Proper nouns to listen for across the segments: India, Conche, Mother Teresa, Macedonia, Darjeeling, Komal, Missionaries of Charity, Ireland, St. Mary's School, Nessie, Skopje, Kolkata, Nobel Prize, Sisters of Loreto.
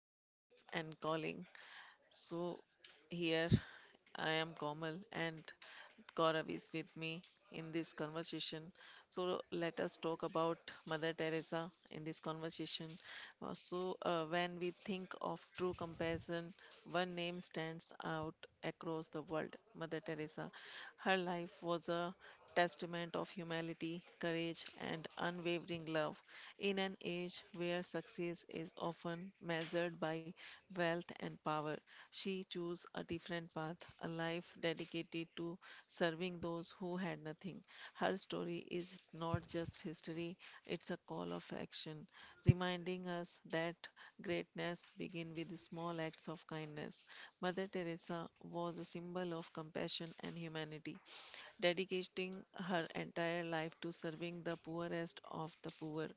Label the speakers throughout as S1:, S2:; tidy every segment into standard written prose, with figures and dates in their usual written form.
S1: Early Life and Calling. So, here I am Komal and Gaurav is with me in this conversation. So, let us talk about Mother Teresa in this conversation. So, when we think of true compassion, one name stands out across the world Mother Teresa. Her life was a testament of humanity, courage, and unwavering love in an age where success is often measured by wealth and power. She chose a different path, a life dedicated to serving those who had nothing. Her story is not just history, it's a call of action, reminding us that greatness begins with small acts of kindness. Mother Teresa was a symbol of compassion and humanity, dedicating her entire life to serving the poorest of the poor.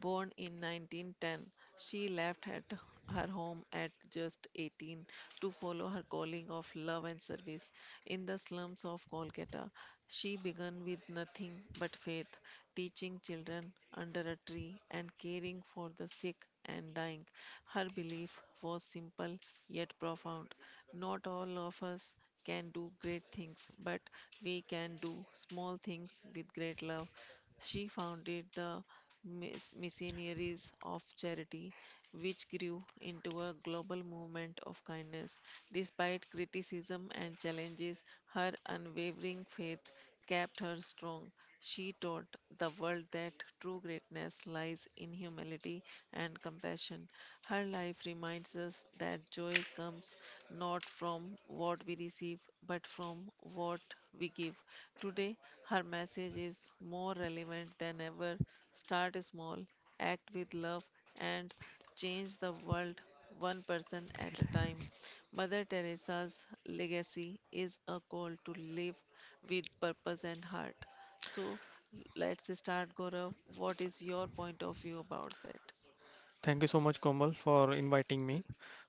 S1: Born in 1910, she left at her home at just 18 to follow her calling of love and service. In the slums of Kolkata, she began with nothing but faith, teaching children under a tree and caring for the sick and dying. Her belief was simple yet profound. Not all of us can do great things, but we can do small things with great love. She founded the Missionaries of Charity, which grew into a global movement of kindness. Despite criticism and challenges, her unwavering faith kept her strong. She taught the world that true greatness lies in humility and compassion. Her life reminds us that joy comes not from what we receive, but from what we give. Today, her message is more relevant than ever. Start small, act with love, and change the world one person at a time. Mother Teresa's legacy is a call to live with purpose and heart. So, let's start, Gaurav. What is your point of view about that?
S2: Thank you so much, Komal, for inviting me.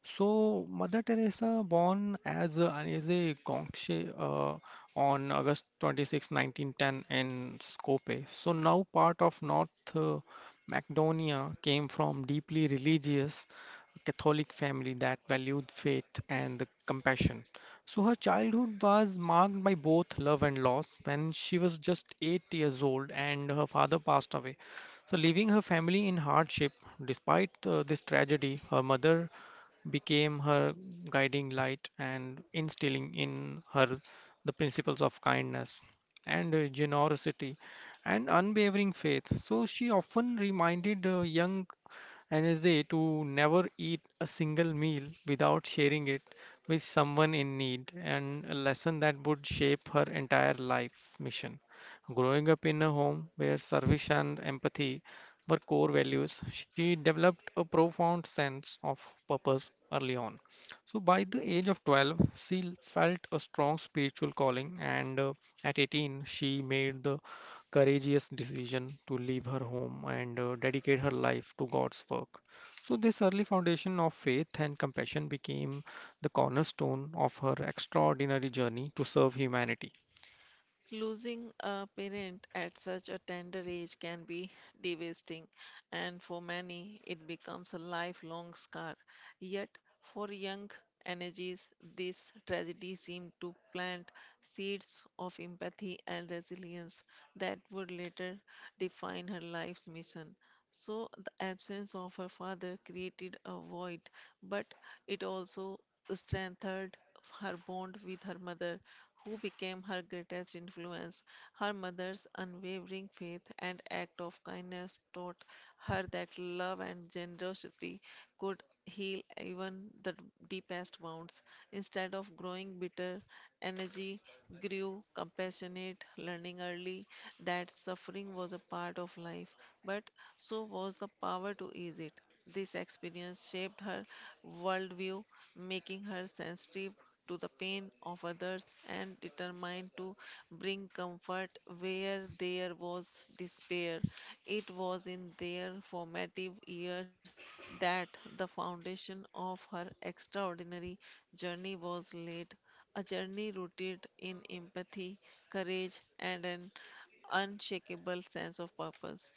S2: So, Mother Teresa, born as a Conche on August 26, 1910, in Skopje, so now part of North Macedonia, came from deeply religious Catholic family that valued faith and the compassion. So her childhood was marked by both love and loss when she was just 8 years old and her father passed away. So, leaving her family in hardship, despite this tragedy, her mother became her guiding light and instilling in her the principles of kindness and generosity and unwavering faith. So she often reminded young and is a to never eat a single meal without sharing it with someone in need and a lesson that would shape her entire life mission. Growing up in a home where service and empathy were core values, she developed a profound sense of purpose early on. So, by the age of 12, she felt a strong spiritual calling, and at 18, she made the courageous decision to leave her home and dedicate her life to God's work. So, this early foundation of faith and compassion became the cornerstone of her extraordinary journey to serve humanity.
S1: Losing a parent at such a tender age can be devastating, and for many, it becomes a lifelong scar. Yet, for young energies, this tragedy seemed to plant seeds of empathy and resilience that would later define her life's mission. So, the absence of her father created a void, but it also strengthened her bond with her mother, who became her greatest influence. Her mother's unwavering faith and act of kindness taught her that love and generosity could heal even the deepest wounds. Instead of growing bitter, energy grew compassionate, learning early that suffering was a part of life, but so was the power to ease it. This experience shaped her worldview, making her sensitive to the pain of others and determined to bring comfort where there was despair. It was in their formative years that the foundation of her extraordinary journey was laid, a journey rooted in empathy, courage, and an unshakable sense of purpose.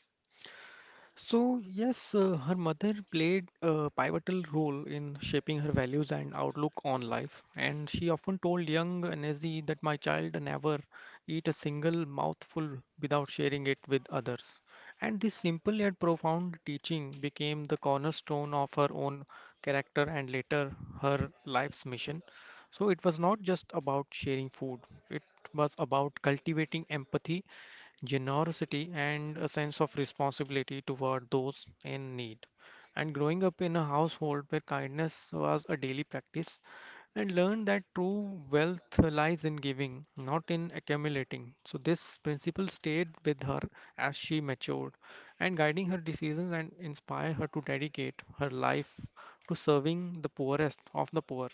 S2: So, yes, her mother played a pivotal role in shaping her values and outlook on life, and she often told young Nessie that my child never eat a single mouthful without sharing it with others. And this simple yet profound teaching became the cornerstone of her own character and later her life's mission. So, it was not just about sharing food, it was about cultivating empathy generosity, and a sense of responsibility toward those in need. And growing up in a household where kindness was a daily practice, and learned that true wealth lies in giving, not in accumulating. So, this principle stayed with her as she matured and guiding her decisions and inspire her to dedicate her life to serving the poorest of the poor.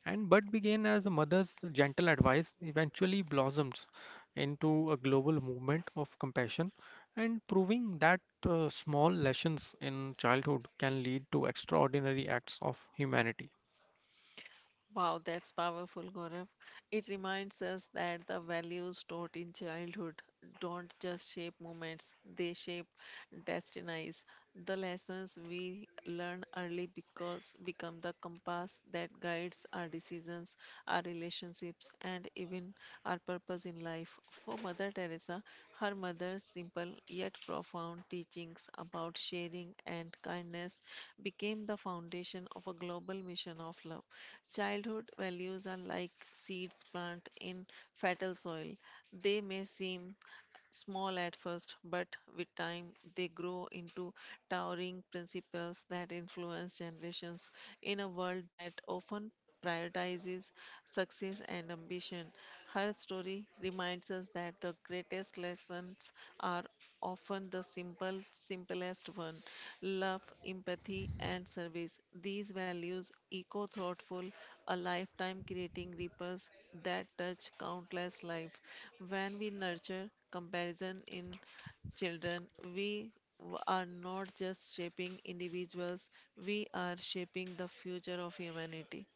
S2: And what began as a mother's gentle advice eventually blossomed into a global movement of compassion and proving that small lessons in childhood can lead to extraordinary acts of humanity.
S1: Wow, that's powerful, Gaurav. It reminds us that the values taught in childhood don't just shape moments, they shape destinies. The lessons we learn early because become the compass that guides our decisions, our relationships, and even given our purpose in life. For Mother Teresa, her mother's simple yet profound teachings about sharing and kindness became the foundation of a global mission of love. Childhood values are like seeds planted in fertile soil. They may seem small at first, but with time they grow into towering principles that influence generations. In a world that often prioritizes success and ambition, her story reminds us that the greatest lessons are often the simplest one. Love, empathy, and service. These values echo thoughtful, a lifetime creating ripples that touch countless lives. When we nurture comparison in children, we are not just shaping individuals, we are shaping the future of humanity.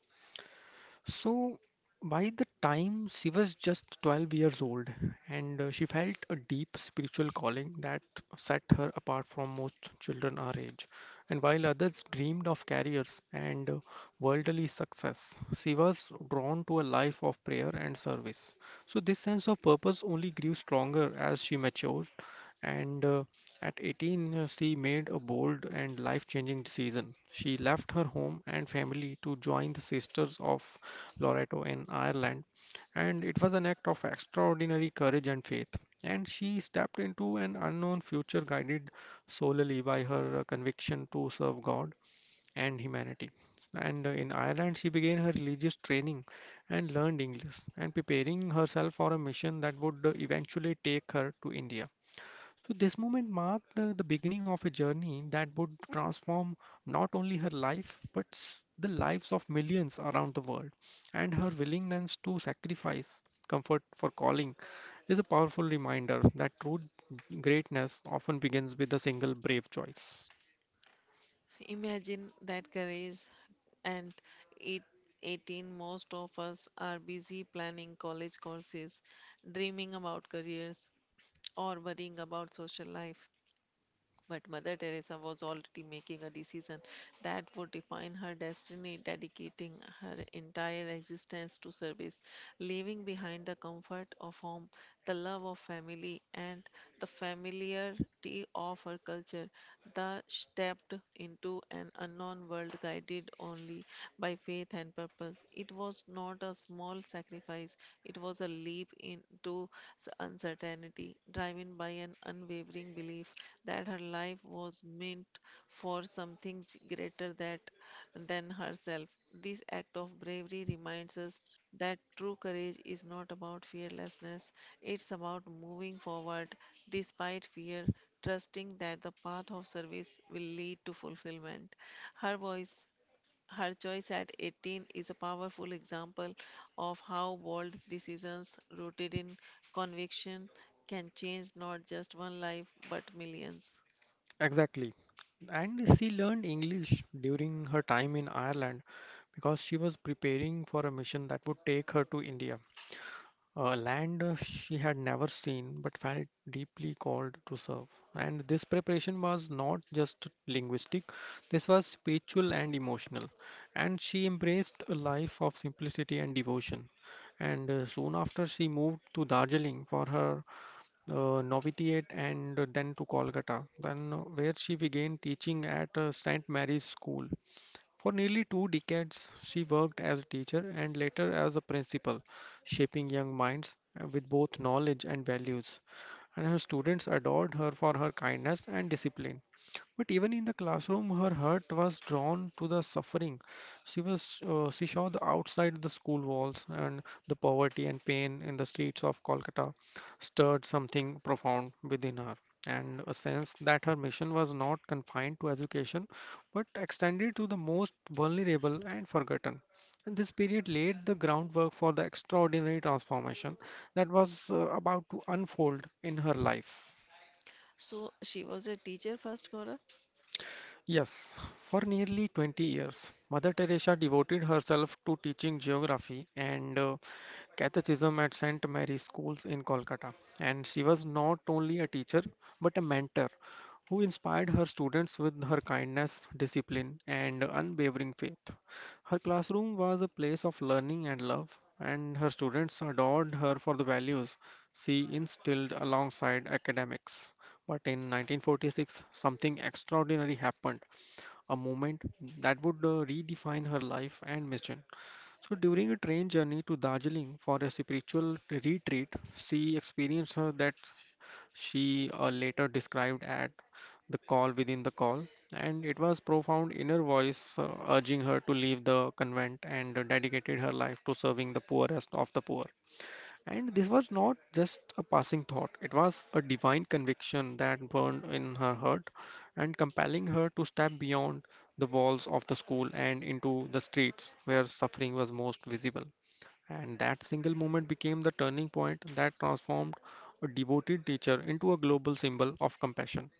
S2: So by the time she was just 12 years old, and she felt a deep spiritual calling that set her apart from most children our age. And while others dreamed of careers and worldly success, she was drawn to a life of prayer and service. So this sense of purpose only grew stronger as she matured, and at 18, she made a bold and life-changing decision. She left her home and family to join the Sisters of Loreto in Ireland, and it was an act of extraordinary courage and faith. And she stepped into an unknown future guided solely by her conviction to serve God and humanity. And in Ireland, she began her religious training and learned English, and preparing herself for a mission that would eventually take her to India. So this moment marked the beginning of a journey that would transform not only her life but the lives of millions around the world. And her willingness to sacrifice comfort for calling is a powerful reminder that true greatness often begins with a single brave choice.
S1: Imagine that courage and it 18 most of us are busy planning college courses, dreaming about careers, or worrying about social life. But Mother Teresa was already making a decision that would define her destiny, dedicating her entire existence to service, leaving behind the comfort of home, the love of family, and the familiarity of her culture. Thus stepped into an unknown world guided only by faith and purpose. It was not a small sacrifice, it was a leap into uncertainty, driven by an unwavering belief that her life was meant for something greater than herself. This act of bravery reminds us that true courage is not about fearlessness, it's about moving forward despite fear, trusting that the path of service will lead to fulfillment. Her voice her choice at 18 is a powerful example of how bold decisions rooted in conviction can change not just one life but millions.
S2: Exactly. And she learned English during her time in Ireland because she was preparing for a mission that would take her to India. A land she had never seen but felt deeply called to serve. And this preparation was not just linguistic, this was spiritual and emotional. And she embraced a life of simplicity and devotion. And soon after, she moved to Darjeeling for her novitiate and then to Kolkata, then where she began teaching at St. Mary's School for nearly two decades, she worked as a teacher and later as a principal, shaping young minds with both knowledge and values and her students adored her for her kindness and discipline. But even in the classroom, her heart was drawn to the suffering. She saw the outside the school walls and the poverty and pain in the streets of Kolkata stirred something profound within her, and a sense that her mission was not confined to education, but extended to the most vulnerable and forgotten. And this period laid the groundwork for the extraordinary transformation that was about to unfold in her life.
S1: So she was a teacher first, Gaurav?
S2: Yes, for nearly 20 years, Mother Teresa devoted herself to teaching geography and Cathechism at St. Mary's Schools in Kolkata. And she was not only a teacher but a mentor who inspired her students with her kindness, discipline, and unwavering faith. Her classroom was a place of learning and love, and her students adored her for the values she instilled alongside academics. But in 1946, something extraordinary happened, a moment that would redefine her life and mission. So, during a train journey to Darjeeling for a spiritual retreat, she experienced her that she later described at the call within the call, and it was profound inner voice urging her to leave the convent and dedicated her life to serving the poorest of the poor. And this was not just a passing thought, it was a divine conviction that burned in her heart and compelling her to step beyond the walls of the school and into the streets where suffering was most visible. And that single moment became the turning point that transformed a devoted teacher into a global symbol of compassion.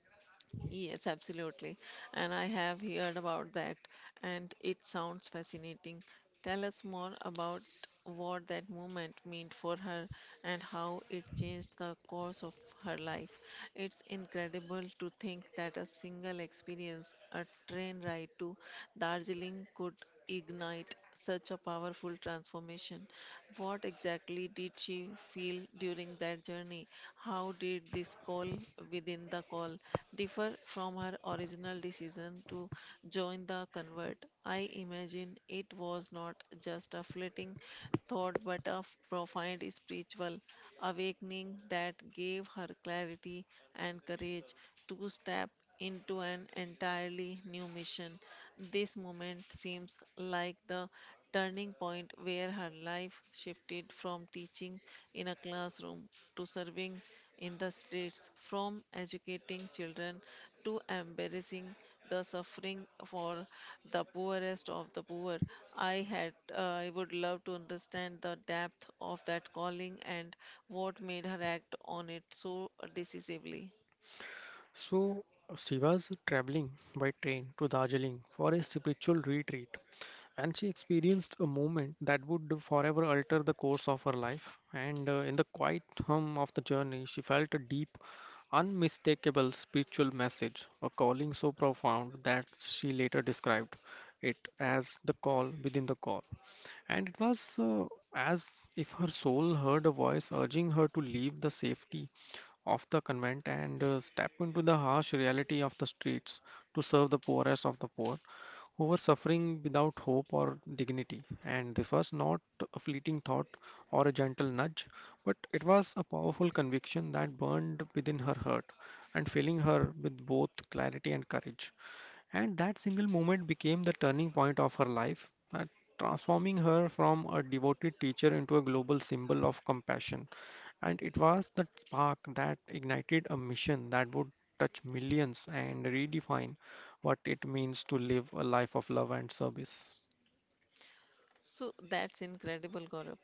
S1: Yes, absolutely. And I have heard about that, and it sounds fascinating. Tell us more about what that movement meant for her and how it changed the course of her life. It's incredible to think that a single experience, a train ride to Darjeeling, could ignite such a powerful transformation? What exactly did she feel during that journey? How did this call within the call differ from her original decision to join the convert? I imagine it was not just a fleeting thought but a profound spiritual awakening that gave her clarity and courage to step into an entirely new mission. This moment seems like the turning point where her life shifted from teaching in a classroom to serving in the streets, from educating children to embracing the suffering for the poorest of the poor. I would love to understand the depth of that calling and what made her act on it so decisively.
S2: So, she was traveling by train to Darjeeling for a spiritual retreat. And she experienced a moment that would forever alter the course of her life. And in the quiet hum of the journey, she felt a deep, unmistakable spiritual message, a calling so profound that she later described it as the call within the call. And it was as if her soul heard a voice urging her to leave the safety of the convent and step into the harsh reality of the streets to serve the poorest of the poor who were suffering without hope or dignity. And this was not a fleeting thought or a gentle nudge, but it was a powerful conviction that burned within her heart and filling her with both clarity and courage. And that single moment became the turning point of her life, that transforming her from a devoted teacher into a global symbol of compassion. And it was that spark that ignited a mission that would touch millions and redefine what it means to live a life of love and service.
S1: So that's incredible, Gaurav.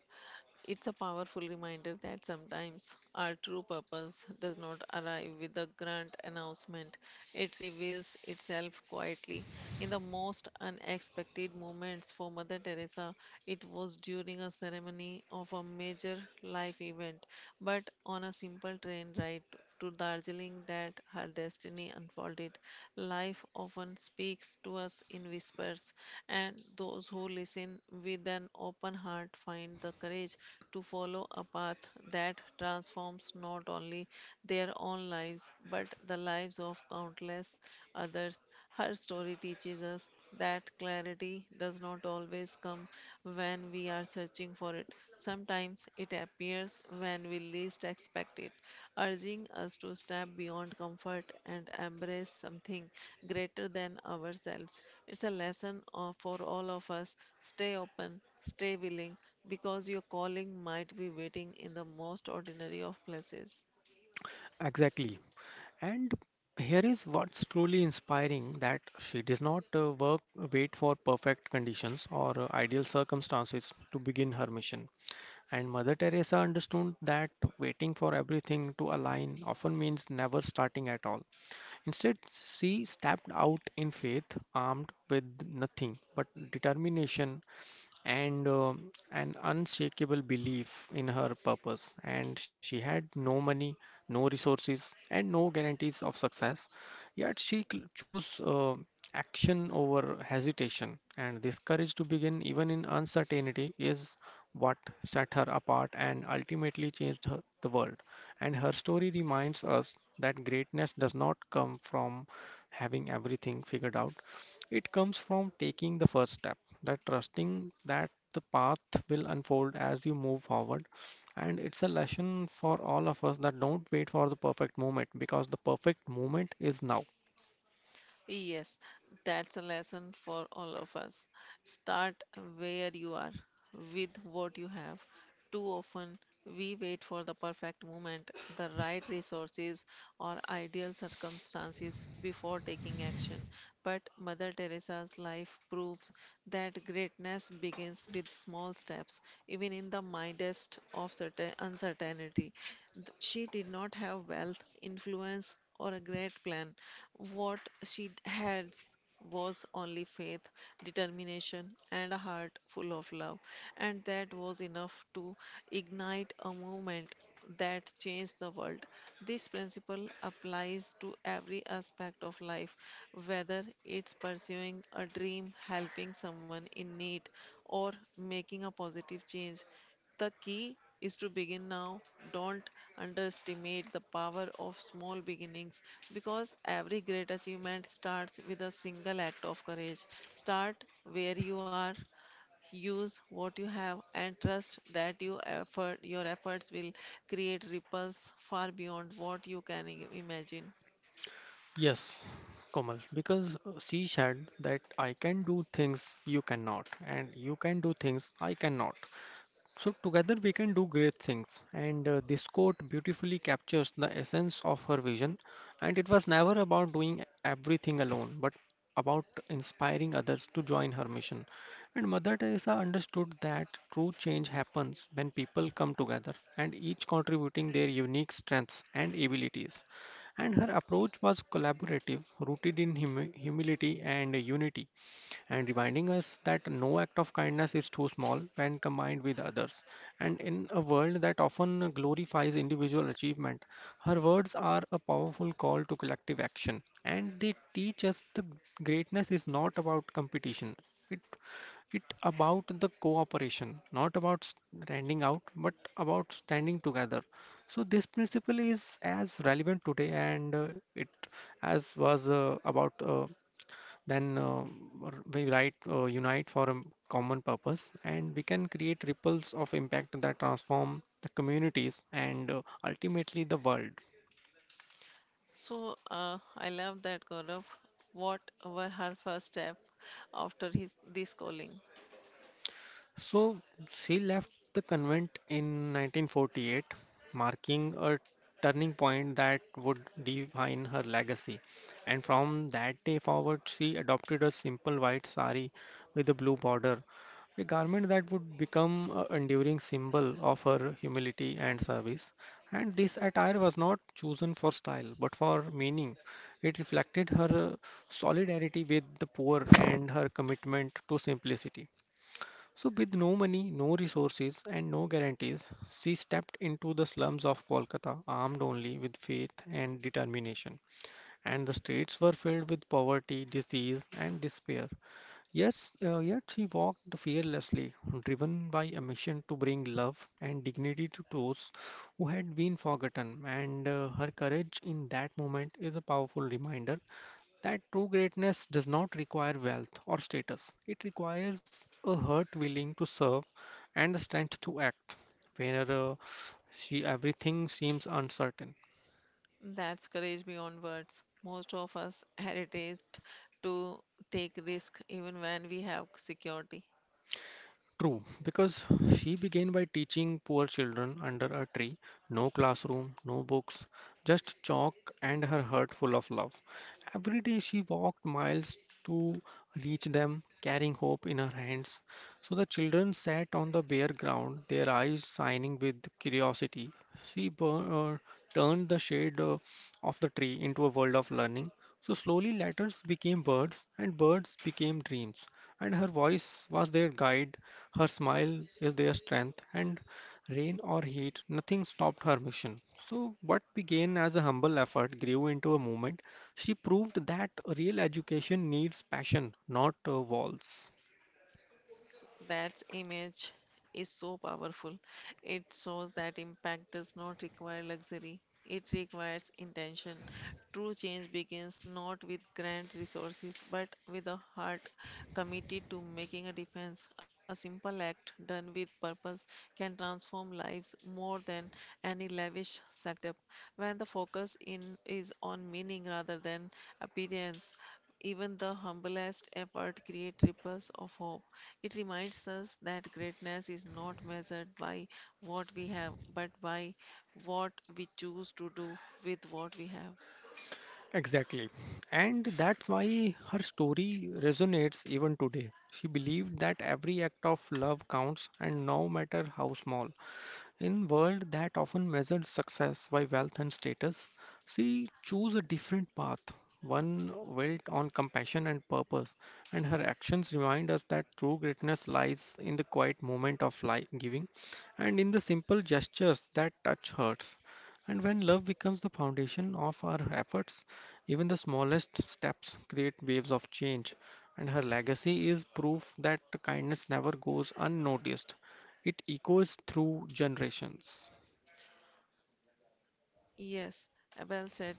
S1: It's a powerful reminder that sometimes our true purpose does not arrive with a grand announcement. It reveals itself quietly in the most unexpected moments. For Mother Teresa, it was during a ceremony of a major life event, but on a simple train ride to Darjeeling that her destiny unfolded. Life often speaks to us in whispers, and those who listen with an open heart find the courage to follow a path that transforms not only their own lives but the lives of countless others. Her story teaches us that clarity does not always come when we are searching for it. Sometimes it appears when we least expect it, urging us to step beyond comfort and embrace something greater than ourselves. It's a lesson for all of us. Stay open, stay willing, because your calling might be waiting in the most ordinary of places.
S2: Exactly. And here is what's truly inspiring that she does not work wait for perfect conditions or ideal circumstances to begin her mission. And Mother Teresa understood that waiting for everything to align often means never starting at all. Instead, she stepped out in faith, armed with nothing but determination and an unshakable belief in her purpose. And she had no money, no resources, and no guarantees of success. Yet she chose action over hesitation. And this courage to begin, even in uncertainty, is what set her apart and ultimately changed her, the world. And her story reminds us that greatness does not come from having everything figured out, it comes from taking the first step that trusting that the path will unfold as you move forward. And it's a lesson for all of us that don't wait for the perfect moment because the perfect moment is now.
S1: Yes, that's a lesson for all of us. Start where you are, with what you have. Too often, we wait for the perfect moment, the right resources, or ideal circumstances before taking action. But Mother Teresa's life proves that greatness begins with small steps, even in the mildest of certain uncertainty. She did not have wealth, influence, or a great plan. What she had was only faith, determination, and a heart full of love, and that was enough to ignite a movement that changed the world. This principle applies to every aspect of life, whether it's pursuing a dream, helping someone in need, or making a positive change. The key is to begin now. Don't underestimate the power of small beginnings because every great achievement starts with a single act of courage. Start where you are, use what you have, and trust that your efforts will create ripples far beyond what you can imagine.
S2: Yes, Komal, because she said that I can do things you cannot, and you can do things I cannot. So, together we can do great things, and this quote beautifully captures the essence of her vision. And it was never about doing everything alone, but about inspiring others to join her mission. And Mother Teresa understood that true change happens when people come together and each contributing their unique strengths and abilities. And her approach was collaborative, rooted in humility and unity and reminding us that no act of kindness is too small when combined with others. And in a world that often glorifies individual achievement, her words are a powerful call to collective action, and they teach us the greatness is not about competition. It it about the cooperation not about standing out but about standing together so this principle is as relevant today and it as was about then we write unite for a common purpose and we can create ripples of impact that transform the communities and ultimately the world.
S1: So I love that Gaurav. What were her first step after his this calling?
S2: So she left the convent in 1948, marking a turning point that would define her legacy. And from that day forward, she adopted a simple white sari with a blue border, a garment that would become an enduring symbol of her humility and service. And this attire was not chosen for style, but for meaning. It reflected her solidarity with the poor and her commitment to simplicity. So, with no money, no resources, and no guarantees, she stepped into the slums of Kolkata armed only with faith and determination. And the streets were filled with poverty, disease, and despair. Yes, yet she walked fearlessly, driven by a mission to bring love and dignity to those who had been forgotten. And her courage in that moment is a powerful reminder that true greatness does not require wealth or status. It requires a heart willing to serve and the strength to act. Whenever she everything seems uncertain.
S1: That's courage beyond words. Most of us hesitate to take risk even when we have security.
S2: True, because she began by teaching poor children under a tree, no classroom, no books, just chalk and her heart full of love. Every day she walked miles to reach them, carrying hope in her hands. So the children sat on the bare ground, their eyes shining with curiosity. She bur- uh, Turned the shade of the tree into a world of learning. So slowly letters became birds, and birds became dreams, and her voice was their guide, her smile is their strength, and rain or heat, nothing stopped her mission. So, what began as a humble effort grew into a movement. She proved that real education needs passion, not walls.
S1: That image is so powerful. It shows that impact does not require luxury, it requires intention. True change begins not with grand resources but with a heart committed to making a difference. A simple act done with purpose can transform lives more than any lavish setup. When the focus in is on meaning rather than appearance, even the humblest effort creates ripples of hope. It reminds us that greatness is not measured by what we have, but by what we choose to do with what we have.
S2: Exactly. And that's why her story resonates even today. She believed that every act of love counts, and no matter how small. In world that often measures success by wealth and status, she chose a different path, one built on compassion and purpose, and her actions remind us that true greatness lies in the quiet moment of life giving and in the simple gestures that touch hearts. And when love becomes the foundation of our efforts, even the smallest steps create waves of change. And her legacy is proof that kindness never goes unnoticed. It echoes through generations.
S1: Yes, well said.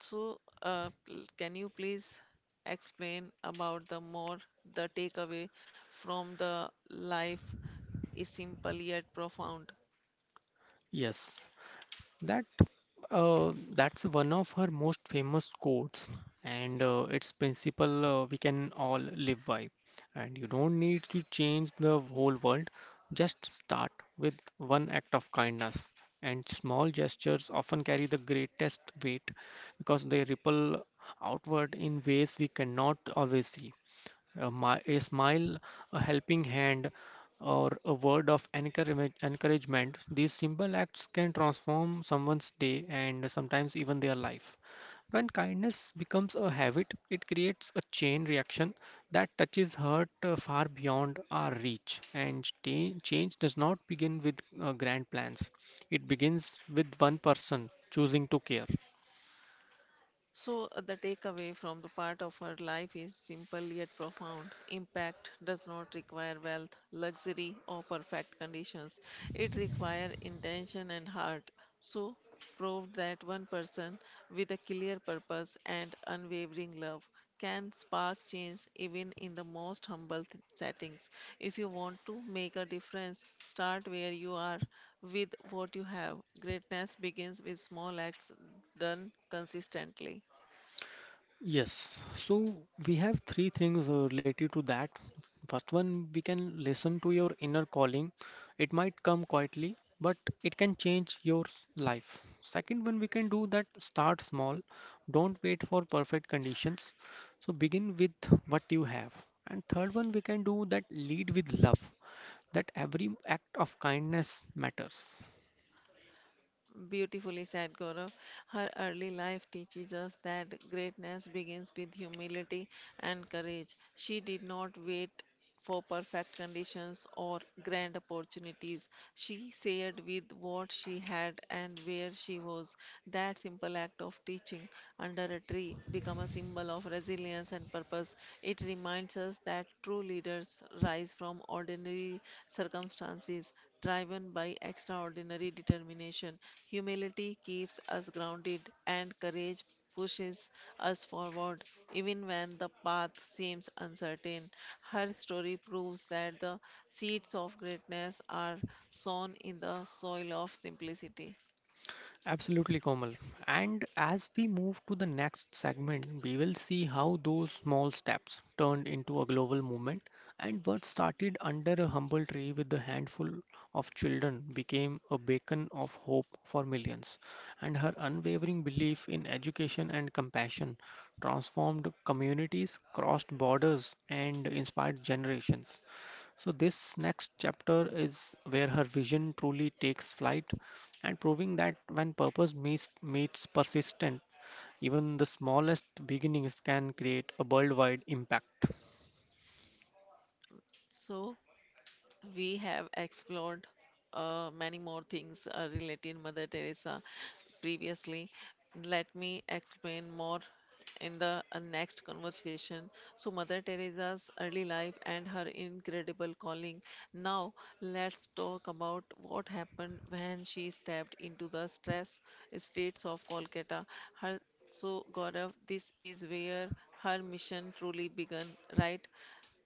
S1: So, can you please explain about the more the takeaway from the life is simple yet profound?
S2: Yes, that that's one of her most famous quotes, and its principle we can all live by. And you don't need to change the whole world. Just start with one act of kindness, and small gestures often carry the greatest weight because they ripple outward in ways we cannot always see. A smile, a helping hand, or a word of encouragement, these simple acts can transform someone's day and sometimes even their life. When kindness becomes a habit, it creates a chain reaction that touches hurt far beyond our reach. Change does not begin with grand plans, it begins with one person choosing to care.
S1: So, the takeaway from the part of her life is simple yet profound. Impact does not require wealth, luxury, or perfect conditions. It requires intention and heart. So, proved that one person with a clear purpose and unwavering love can spark change even in the most humble settings. If you want to make a difference, start where you are with what you have. Greatness begins with small acts done consistently.
S2: Yes, so we have three things related to that. First one, we can listen to your inner calling. It might come quietly, but it can life. Second one, we can do that start small. Don't wait for perfect conditions. So begin with what you have. And third one, we can do that lead with love. That every act of kindness matters.
S1: Beautifully said, Gaurav. Her early life teaches us that greatness begins with humility and courage. She did not wait for perfect conditions or grand opportunities. She shared with what she had and where she was. That simple act of teaching under a tree became a symbol of resilience and purpose. It reminds us that true leaders rise from ordinary circumstances, driven by extraordinary determination. Humility keeps us grounded, and courage pushes us forward, even when the path seems uncertain. Her story proves that the seeds of greatness are sown in the soil of simplicity.
S2: Absolutely, Komal. And as we move to the next segment, we will see how those small steps turned into a global movement and what started under a humble tree with a handful of children became a beacon of hope for millions. And her unwavering belief in education and compassion transformed communities, crossed borders, and inspired generations. So, this next chapter is where her vision truly takes flight and proving that when meets persistent, even the smallest beginnings can create a worldwide impact.
S1: So, we have explored many more things related Mother Teresa previously. Let me explain more in the next conversation. So, Mother Teresa's early life and her incredible calling. Now, let's talk about what happened when she stepped into the stress streets of Kolkata. Her so, Gaurav, this is where her mission truly began, right?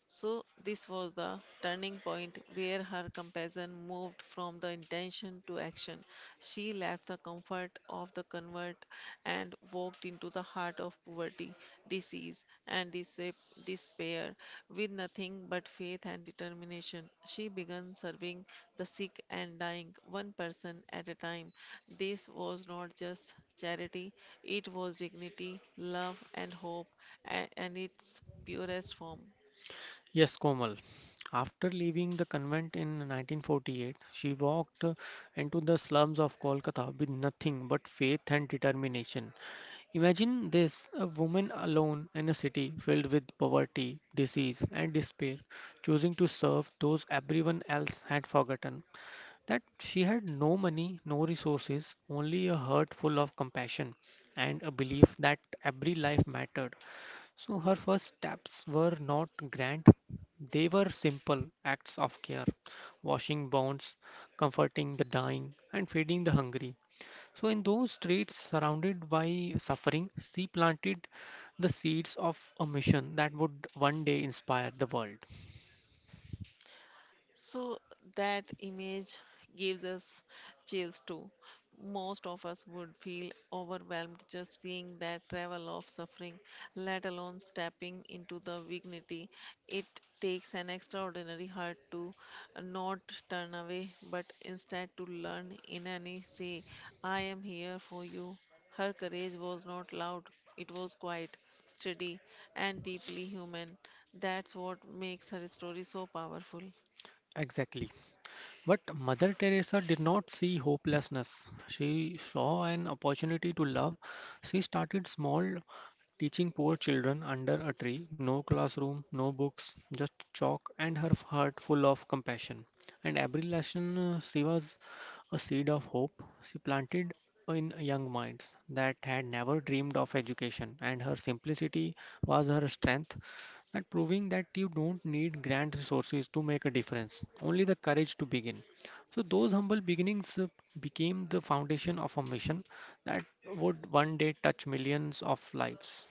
S1: So, this was the turning point where her compassion moved from the intention to action. She left the comfort of the convent and walked into the heart of poverty, disease, and despair. With nothing but faith and determination, she began serving the sick and dying, one person at a time. This was not just charity, it was dignity, love, and hope, and its purest form.
S2: Yes, Komal. After leaving the convent in 1948, she walked into the slums of Kolkata with nothing but faith and determination. Imagine this, a woman alone in a city filled with poverty, disease, and despair, choosing to serve those everyone else had forgotten. That she had no money, no resources, only a heart full of compassion and a belief that every life mattered. So her first steps were not grand, they were simple acts of care, washing bonds, comforting the dying, and feeding the hungry. So, in those streets surrounded by suffering, she planted the seeds of a mission that would one day inspire the world.
S1: So that image gives us chills too. Most of us would feel overwhelmed just seeing that travel of suffering, let alone stepping into the dignity. It takes an extraordinary heart to not turn away, but instead to learn in any say, I am here for you. Her courage was not loud, it was quiet, steady, and deeply human. That's what makes her story so powerful.
S2: Exactly. But Mother Teresa did not see hopelessness. She saw an opportunity to love. She started small, teaching poor children under a tree, no classroom, no books, just chalk and her heart full of compassion. And every lesson, she was a seed of hope she planted in young minds that had never dreamed of education. And her simplicity was her strength, that proving that you don't need grand resources to make a difference, only the courage to begin. So, those humble beginnings became the foundation of a mission that would one day touch millions of lives.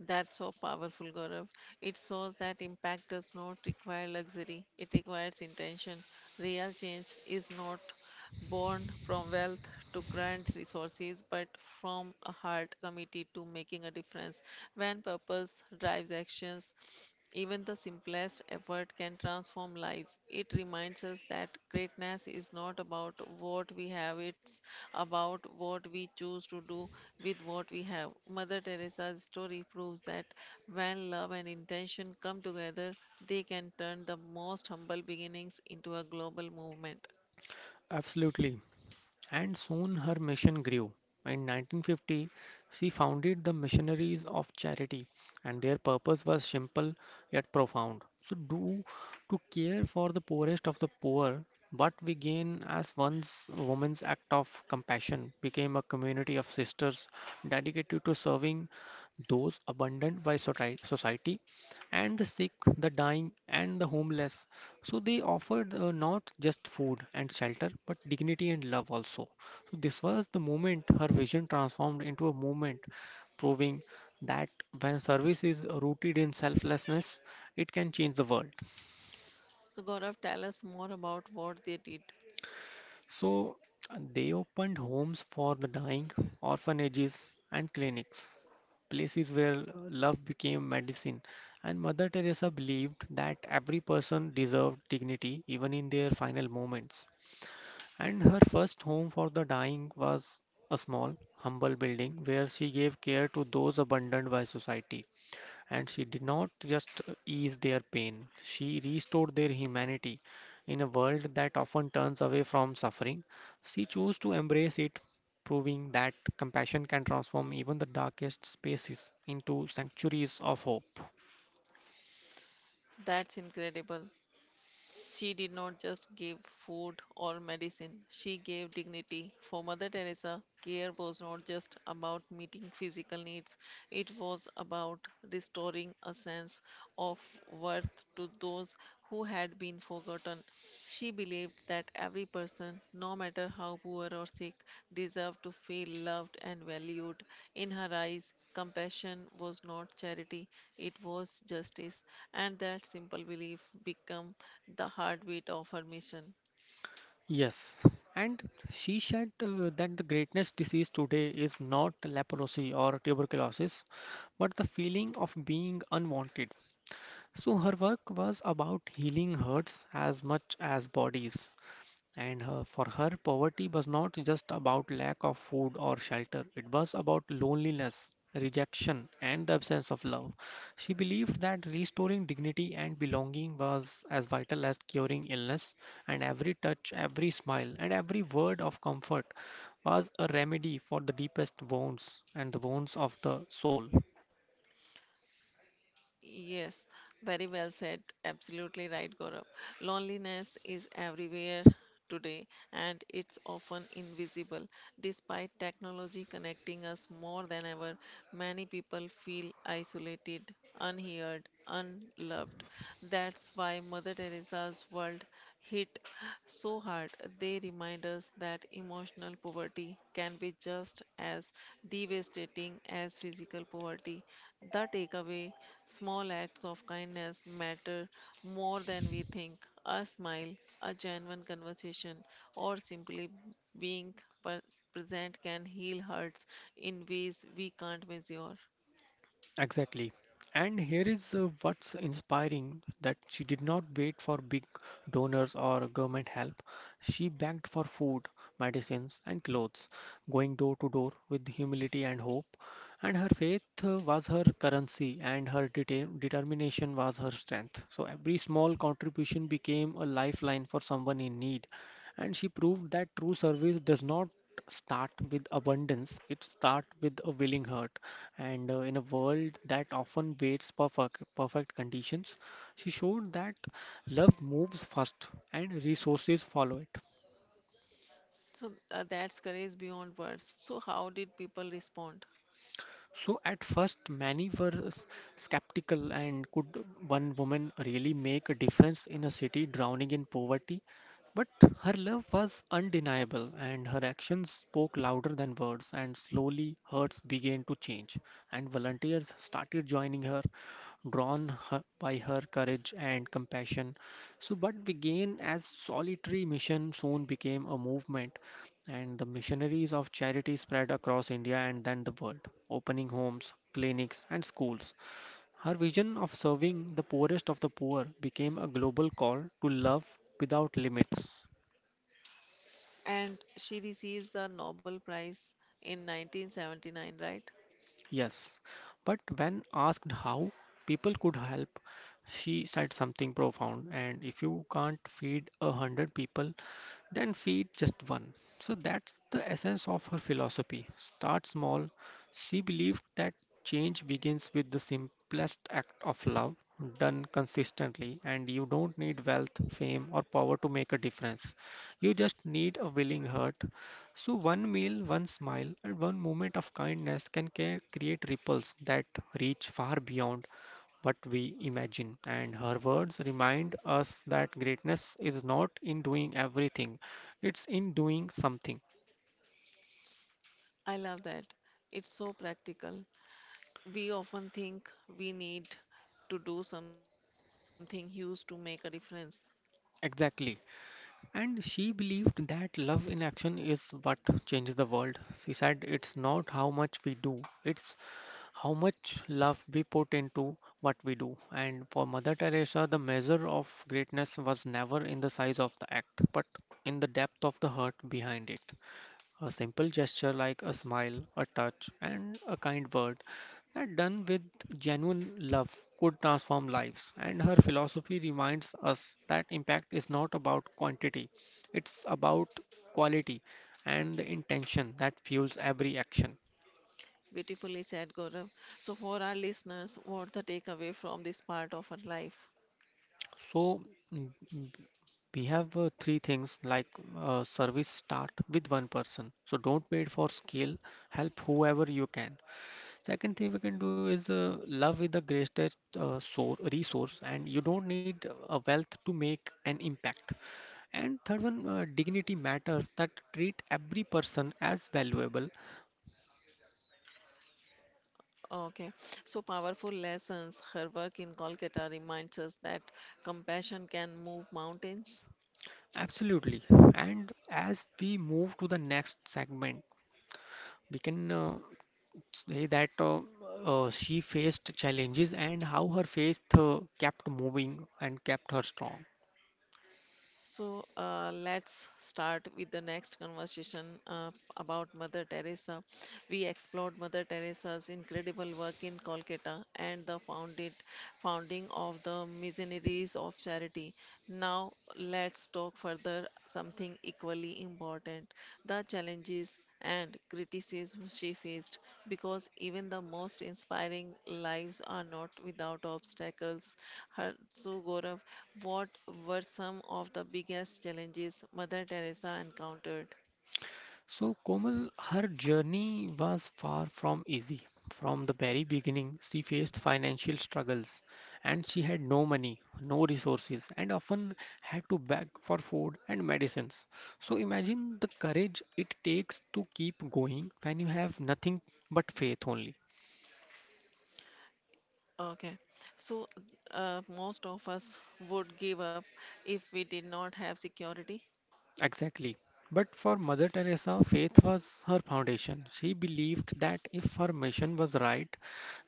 S1: That's so powerful, Gaurav. It shows that impact does not require luxury, it requires intention. Real change is not born from wealth to grand resources, but from a heart committed to making a difference. When purpose drives actions, even the simplest effort can transform lives. It reminds us that greatness is not about what we have, it's about what we choose to do with what we have. Mother Teresa's story proves that when love and intention come together, they can turn the most humble beginnings into a global movement.
S2: Absolutely. And soon her mission grew. In 1950, she founded the Missionaries of Charity, and their purpose was simple yet profound. So, do to care for the poorest of the poor, what we gain as one's woman's act of compassion became a community of sisters dedicated to serving those abandoned by society and the sick, the dying, and the homeless. So they offered not just food and shelter, but dignity and love also. So this was the moment her vision transformed into a movement, proving that when service is rooted in selflessness, it can change the world.
S1: So, Gaurav, tell us more about what they did.
S2: So they opened homes for the dying, orphanages, and clinics, places where love became medicine. And Mother Teresa believed that every person deserved dignity even in their final moments. And her first home for the dying was a small, humble building where she gave care to those abandoned by society. And she did not just ease their pain, she restored their humanity. In a world that often turns away from suffering, she chose to embrace it, proving that compassion can transform even the darkest spaces into sanctuaries of hope.
S1: That's incredible. She did not just give food or medicine, she gave dignity. For Mother Teresa, care was not just about meeting physical needs, it was about restoring a sense of worth to those who had been forgotten. She believed that every person, no matter how poor or sick, deserved to feel loved and valued. In her eyes, compassion was not charity, it was justice, and that simple belief became the heartbeat of her mission.
S2: Yes, and she said that the greatest disease today is not leprosy or tuberculosis, but the feeling of being unwanted. So her work was about healing hurts as much as bodies. And her, for her, poverty was not just about lack of food or shelter, it was about loneliness, rejection, and the absence of love. She believed that restoring dignity and belonging was as vital as curing illness, and every touch, every smile, and every word of comfort was a remedy for the deepest wounds and the wounds of the soul.
S1: Yes, very well said. Absolutely right, Gaurav. Loneliness is everywhere today and it's often invisible. Despite technology connecting us more than ever, many people feel isolated, unheard, unloved. That's why Mother Teresa's world hit so hard, they remind us that emotional poverty can be just as devastating as physical poverty. The takeaway small acts of kindness matter more than we think. A smile, a genuine conversation, or simply being per- present can heal hurts in ways we can't measure.
S2: Exactly. And here is what's inspiring that she did not wait for big donors or government help. She begged for food, medicines, and clothes, going door to door with humility and hope. And her faith was her currency, and her determination was her strength. So every small contribution became a lifeline for someone in need. And she proved that true service does not start with abundance, it starts with a willing heart. And In a world that often waits for perfect conditions, she showed that love moves first and resources follow it.
S1: So that's courage beyond words. So, how did people respond?
S2: So at first, many were skeptical, and could one woman really make a difference in a city drowning in poverty? But her love was undeniable, and her actions spoke louder than words. And slowly, hearts began to change, and volunteers started joining her, by her courage and compassion. So, what began as solitary mission soon became a movement and the missionaries of charity spread across India and then the world, opening homes, clinics, and schools. Her vision of serving the poorest of the poor became a global call to love without limits.
S1: And she receives the Nobel Prize in 1979, right?
S2: Yes, but when asked how people could help, she said something profound. And if you can't feed 100 people, then feed just one. So that's the essence of her philosophy. Start small. She believed that change begins with the simplest act of love done consistently, and you don't need wealth, fame, or power to make a difference. You just need a willing heart. So, one meal, one smile, and one moment of kindness can create ripples that reach far beyond what we imagine. And her words remind us that greatness is not in doing everything, it's in doing something.
S1: I love that. It's so practical. We often think we need to do something huge to make a difference.
S2: Exactly. And she believed that love in action is what changes the world. She said it's not how much we do, it's how much love we put into what we do. And for Mother Teresa, the measure of greatness was never in the size of the act, but in the depth of the heart behind it. A simple gesture like a smile, a touch, and a kind word that done with genuine love could transform lives. And her philosophy reminds us that impact is not about quantity, it's about quality and the intention that fuels every action.
S1: Beautifully said, Gaurav. So, for our listeners, what's the takeaway from this part of her life?
S2: So, mm, mm, we have three things like service start with one person. So, don't wait for scale, help whoever you can. Second thing we can do is, love is the greatest resource, and you don't need a wealth to make an impact. And third one, dignity matters that treat every person as valuable.
S1: Okay, so powerful lessons. Her work in Kolkata reminds us that compassion can move mountains.
S2: Absolutely. And as we move to the next segment, we can say that she faced challenges and how her faith kept moving and kept her strong.
S1: So let's start with the next conversation about Mother Teresa. We explored Mother Teresa's incredible work in Kolkata and the founded founding of the Missionaries of Charity. Now let's talk further something equally important: the challenges and criticism she faced because even the most inspiring lives are not without obstacles. So, Gaurav, what were some of the biggest challenges Mother Teresa encountered?
S2: So, Komal, her journey was far from easy. From the very beginning, she faced financial struggles and she had no money, no resources, and often had to beg for food and medicines. So, imagine the courage it takes to keep going when you have nothing but faith only.
S1: Okay, so most of us would give up if we did not have security.
S2: Exactly. But for Mother Teresa, faith was her foundation. She believed that if her mission was right,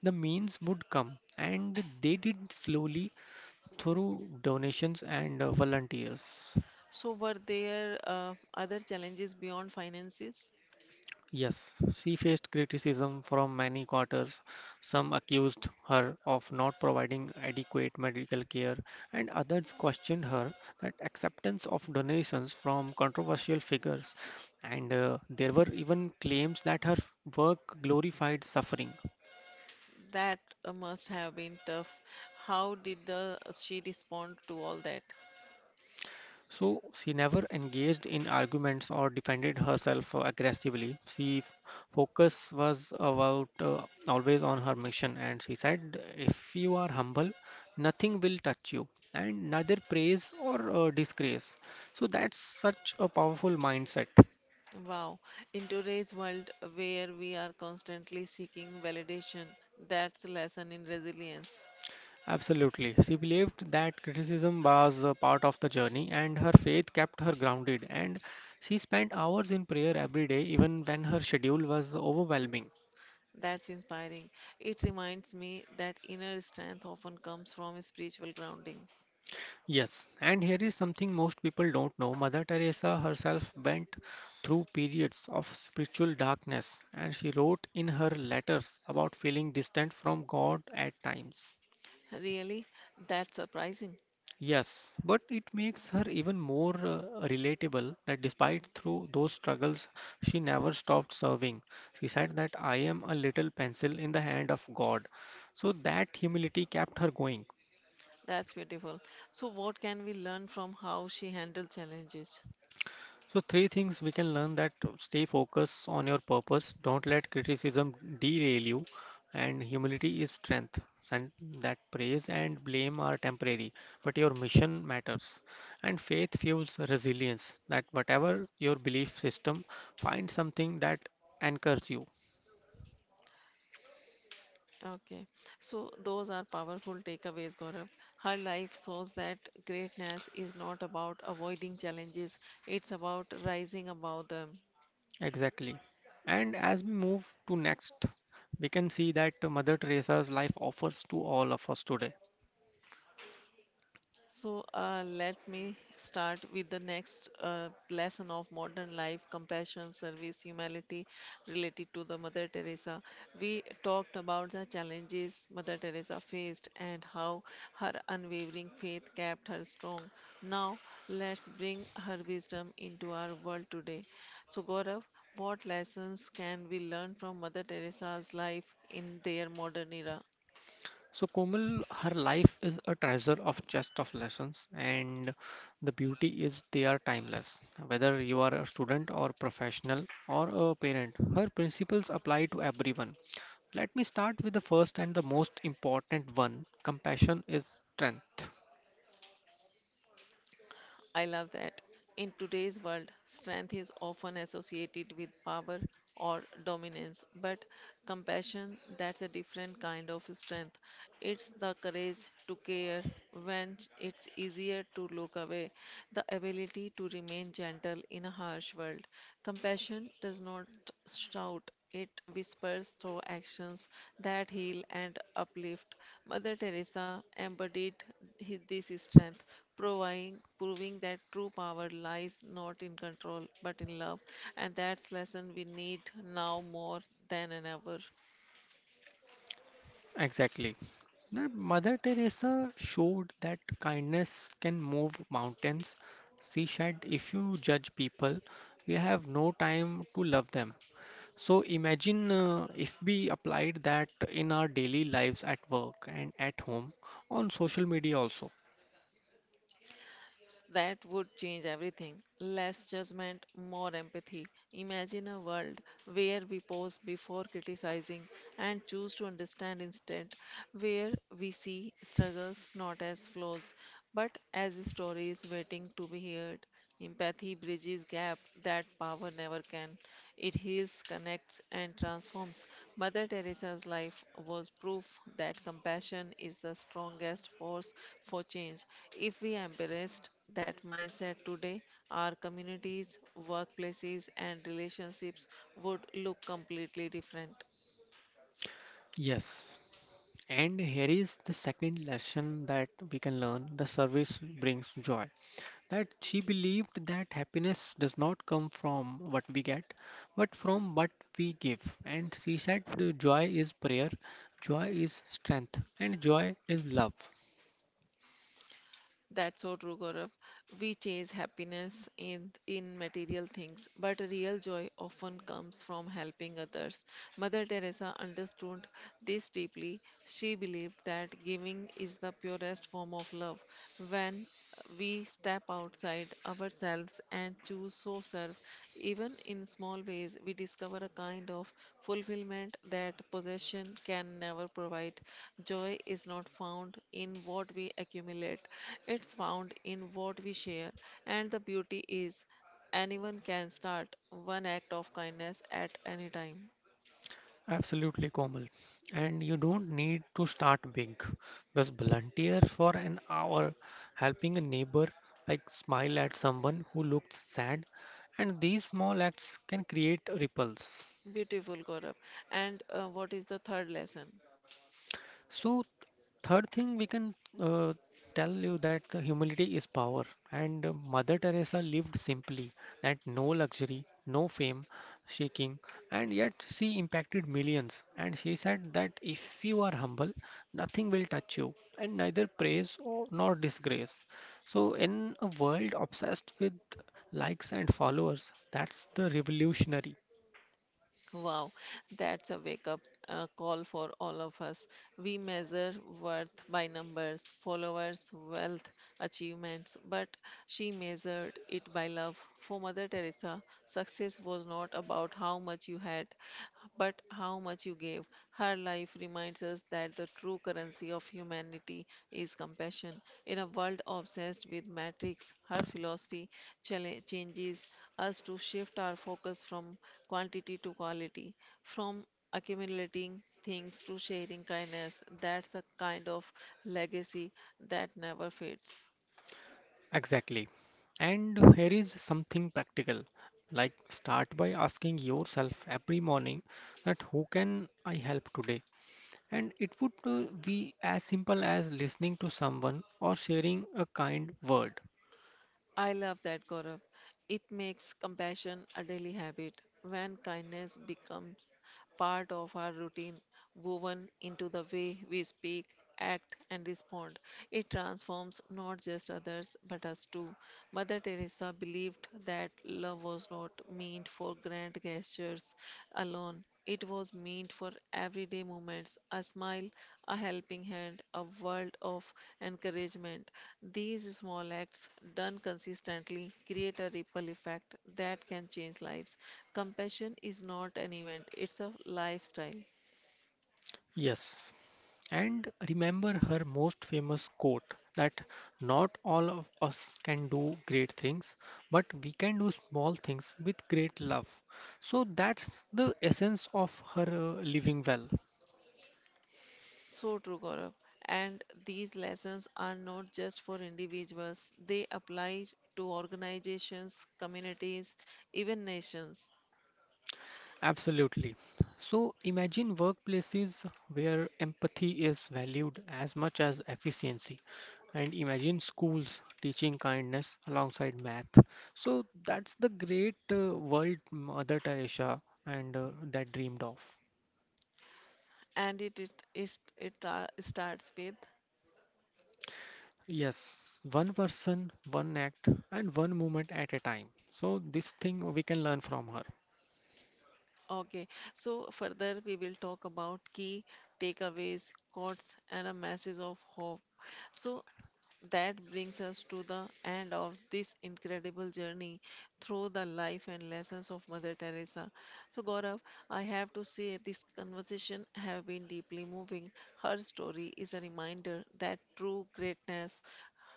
S2: the means would come, and they did slowly through donations and volunteers.
S1: So, were there other challenges beyond finances?
S2: Yes, she faced criticism from many quarters. Some accused her of not providing adequate medical care, and others questioned her that acceptance of donations from controversial figures. And there were even claims that her work glorified suffering.
S1: That must have been tough. How did the she respond to all that?
S2: So she never engaged in arguments or defended herself aggressively. Focus was about always on her mission, and she said, "If you are humble, nothing will touch you, and neither praise or disgrace." So that's such a powerful mindset.
S1: Wow, in today's world where we are constantly seeking validation, that's a lesson in resilience.
S2: Absolutely. She believed that criticism was a part of the journey, and her faith kept her grounded. And she spent hours in prayer every day, even when her schedule was overwhelming.
S1: That's inspiring. It reminds me that inner strength often comes from spiritual grounding.
S2: Yes, and here is something most people don't know. Mother Teresa herself went through periods of spiritual darkness, and she wrote in her letters about feeling distant from God at times.
S1: Really? That's surprising.
S2: Yes, but it makes her even more relatable that despite through those struggles, she never stopped serving. She said that I am a little pencil in the hand of God. So that humility kept her going.
S1: That's beautiful. So, what can we learn from how she handled challenges?
S2: So three things we can learn that stay focused on your purpose, don't let criticism derail you, and humility is strength. And that praise and blame are temporary, but your mission matters. And faith fuels resilience. That whatever your belief system, find something that anchors you.
S1: Okay, so those are powerful takeaways, Gaurav. Her life shows that greatness is not about avoiding challenges, it's about rising above them.
S2: Exactly. And as we move to next, we can see that Mother Teresa's life offers to all of us today.
S1: So let me start with the next lesson of modern life compassion, service, humility related to the Mother Teresa. We talked about the challenges Mother Teresa faced and how her unwavering faith kept her strong. Now let's bring her wisdom into our world today. So, Gaurav, what lessons can we learn from Mother Teresa's life in their modern era?
S2: So Komal, her life is a treasure of chest of lessons, and the beauty is they are timeless. Whether you are a student or professional or a parent, her principles apply to everyone. Let me start with the first and the most important one. Compassion is strength.
S1: I love that. In today's world, strength is often associated with power or dominance, but compassion, that's a different kind of strength. It's the courage to care when it's easier to look away, the ability to remain gentle in a harsh world. Compassion does not shout, it whispers through actions that heal and uplift. Mother Teresa embodied this strength, proving that true power lies not in control but in love. And that's lesson we need now more than ever.
S2: Exactly. Now, Mother Teresa showed that kindness can move mountains. She said, if you judge people, you have no time to love them. So imagine if we applied that in our daily lives at work and at home, on social media also.
S1: That would change everything. Less judgment, more empathy. Imagine a world where we pause before criticizing and choose to understand instead, where we see struggles not as flaws, but as stories waiting to be heard. Empathy bridges gap that power never can. It heals, connects, and transforms. Mother Teresa's life was proof that compassion is the strongest force for change. If we embraced that mindset today, our communities, workplaces, and relationships would look completely different.
S2: Yes. And here is the second lesson that we can learn. The service brings joy. That she believed that happiness does not come from what we get, but from what we give. And she said, the joy is prayer, joy is strength, and joy is love.
S1: That's so true, Gaurav. We chase happiness in material things, but real joy often comes from helping others. Mother Teresa understood this deeply. She believed that giving is the purest form of love. When we step outside ourselves and choose so serve even in small ways we discover a kind of fulfillment that possession can never provide joy is not found in what we accumulate it's found in what we share and the beauty is anyone can start one act of kindness at any time
S2: Absolutely, Komal. And you don't need to start big. Just volunteer for an hour helping a neighbor, like smile at someone who looks sad, and these small acts can create ripples.
S1: beautiful gaurav and what is the third lesson
S2: So, third thing we can tell you that the humility is power. And Mother Teresa lived simply, that no luxury, no fame, shaking, and yet she impacted millions. And she said that if you are humble, nothing will touch you, and neither praise or nor disgrace. So, in a world obsessed with likes and followers, that's the revolutionary.
S1: Wow, that's a wake up call for all of us. We measure worth by numbers, followers, wealth, achievements, but she measured it by love. For Mother Teresa, success was not about how much you had, but how much you gave. Her life reminds us that the true currency of humanity is compassion. In a world obsessed with metrics, her philosophy changes us to shift our focus from quantity to quality, from accumulating things to sharing kindness. That's a kind of legacy that never fades.
S2: Exactly. And here is something practical. Like start by asking yourself every morning that who can I help today? And it would be as simple as listening to someone or sharing a kind word.
S1: I love that, Gaurav. It makes compassion a daily habit. When kindness becomes part of our routine, woven into the way we speak, act, and respond, it transforms not just others but us too. Mother Teresa believed that love was not meant for grand gestures alone, it was meant for everyday moments, a smile, a helping hand, a world of encouragement. These small acts, done consistently, create a ripple effect that can change lives. Compassion is not an event, it's a lifestyle.
S2: Yes. And remember her most famous quote that not all of us can do great things, but we can do small things with great love. So that's the essence of her living well.
S1: So true, Gaurav. And these lessons are not just for individuals, they apply to organizations, communities, even nations.
S2: Absolutely. So imagine workplaces where empathy is valued as much as efficiency, and imagine schools teaching kindness alongside math. So that's the great world Mother Teresa and that dreamed of.
S1: And it starts with
S2: Yes, one person, one act, and one moment at a time. So this thing we can learn from her.
S1: Okay, so further we will talk about key takeaways, quotes, and a message of hope. So that brings us to the end of this incredible journey through the life and lessons of Mother Teresa. So Gaurav, I have to say this conversation have been deeply moving. Her story is a reminder that true greatness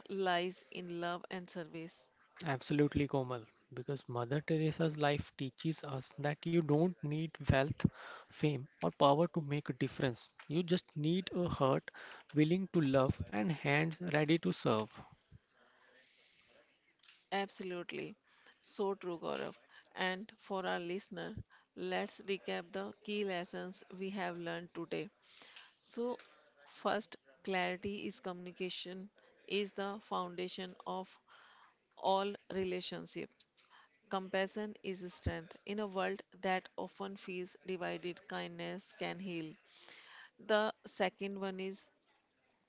S1: lies in love and service.
S2: Absolutely, Komal. Because Mother Teresa's life teaches us that you don't need wealth, fame, or power to make a difference. You just need a heart willing to love and hands ready to serve.
S1: Absolutely. So true, Gaurav. And for our listener, let's recap the key lessons we have learned today. So, first, clarity is communication is the foundation of all relationships. Compassion is strength. In a world that often feels divided, kindness can heal. The second one is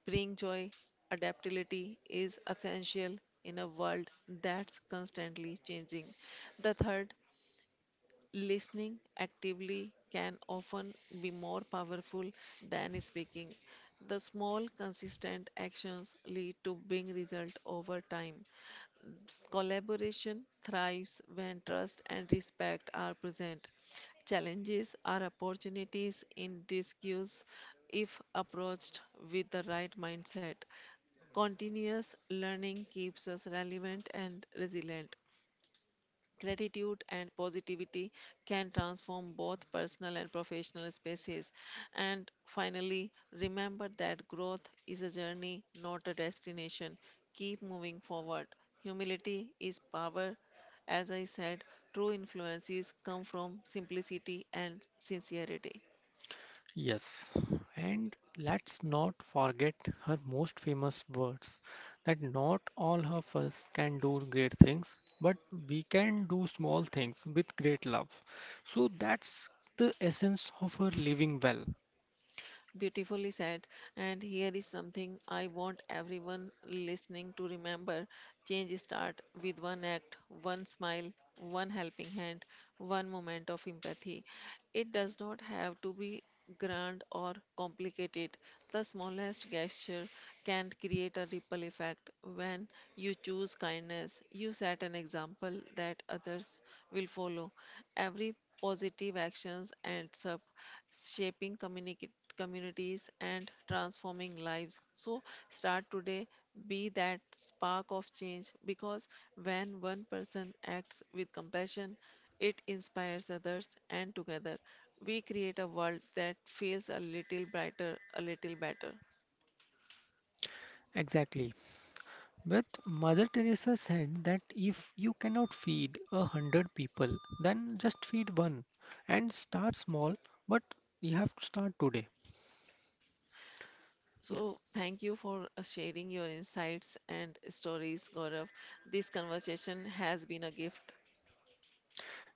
S1: Bring joy, adaptability is essential in a world that's constantly changing. The third, listening actively can often be more powerful than speaking. The small, consistent actions lead to big results over time. Collaboration thrives when trust and respect are present. Challenges are opportunities in disguise if approached with the right mindset. Continuous learning keeps us relevant and resilient. Gratitude and positivity can transform both personal and professional spaces. And finally, remember that growth is a journey, not a destination. Keep moving forward. Humility is power. As I said, true influences come from simplicity and sincerity.
S2: Yes, and let's not forget her most famous words that not all of us can do great things, but we can do small things with great love. So that's the essence of her living well.
S1: Beautifully said. And here is something I want everyone listening to remember. Change start with one act, one smile, one helping hand, one moment of empathy. It does not have to be grand or complicated. The smallest gesture can create a ripple effect. When you choose kindness, you set an example that others will follow. Every positive actions ends up shaping community communities, and transforming lives. So, start today, be that spark of change because when one person acts with compassion, it inspires others, and together we create a world that feels a little brighter, a little better.
S2: Exactly. But Mother Teresa said that if you cannot feed 100 people, then just feed one and start small, but you have to start today.
S1: So,
S2: Yes.
S1: thank you for sharing your insights and stories, Gaurav. This conversation has been a gift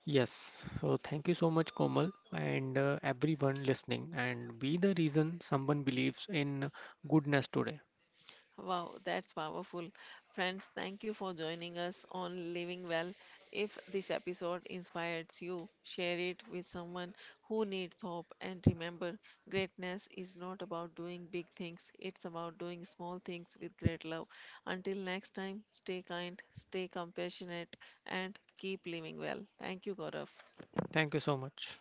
S2: Yes. So thank you so much, Komal, and everyone listening, and be the reason someone believes in goodness today.
S1: Wow, that's powerful. Friends, thank you for joining us on Living Well. If this episode inspires you, share it with someone who needs hope. And remember, greatness is not about doing big things, it's about doing small things with great love. Until next time, stay kind, stay compassionate, and keep living well. Thank you, Gaurav.
S2: Thank you so much.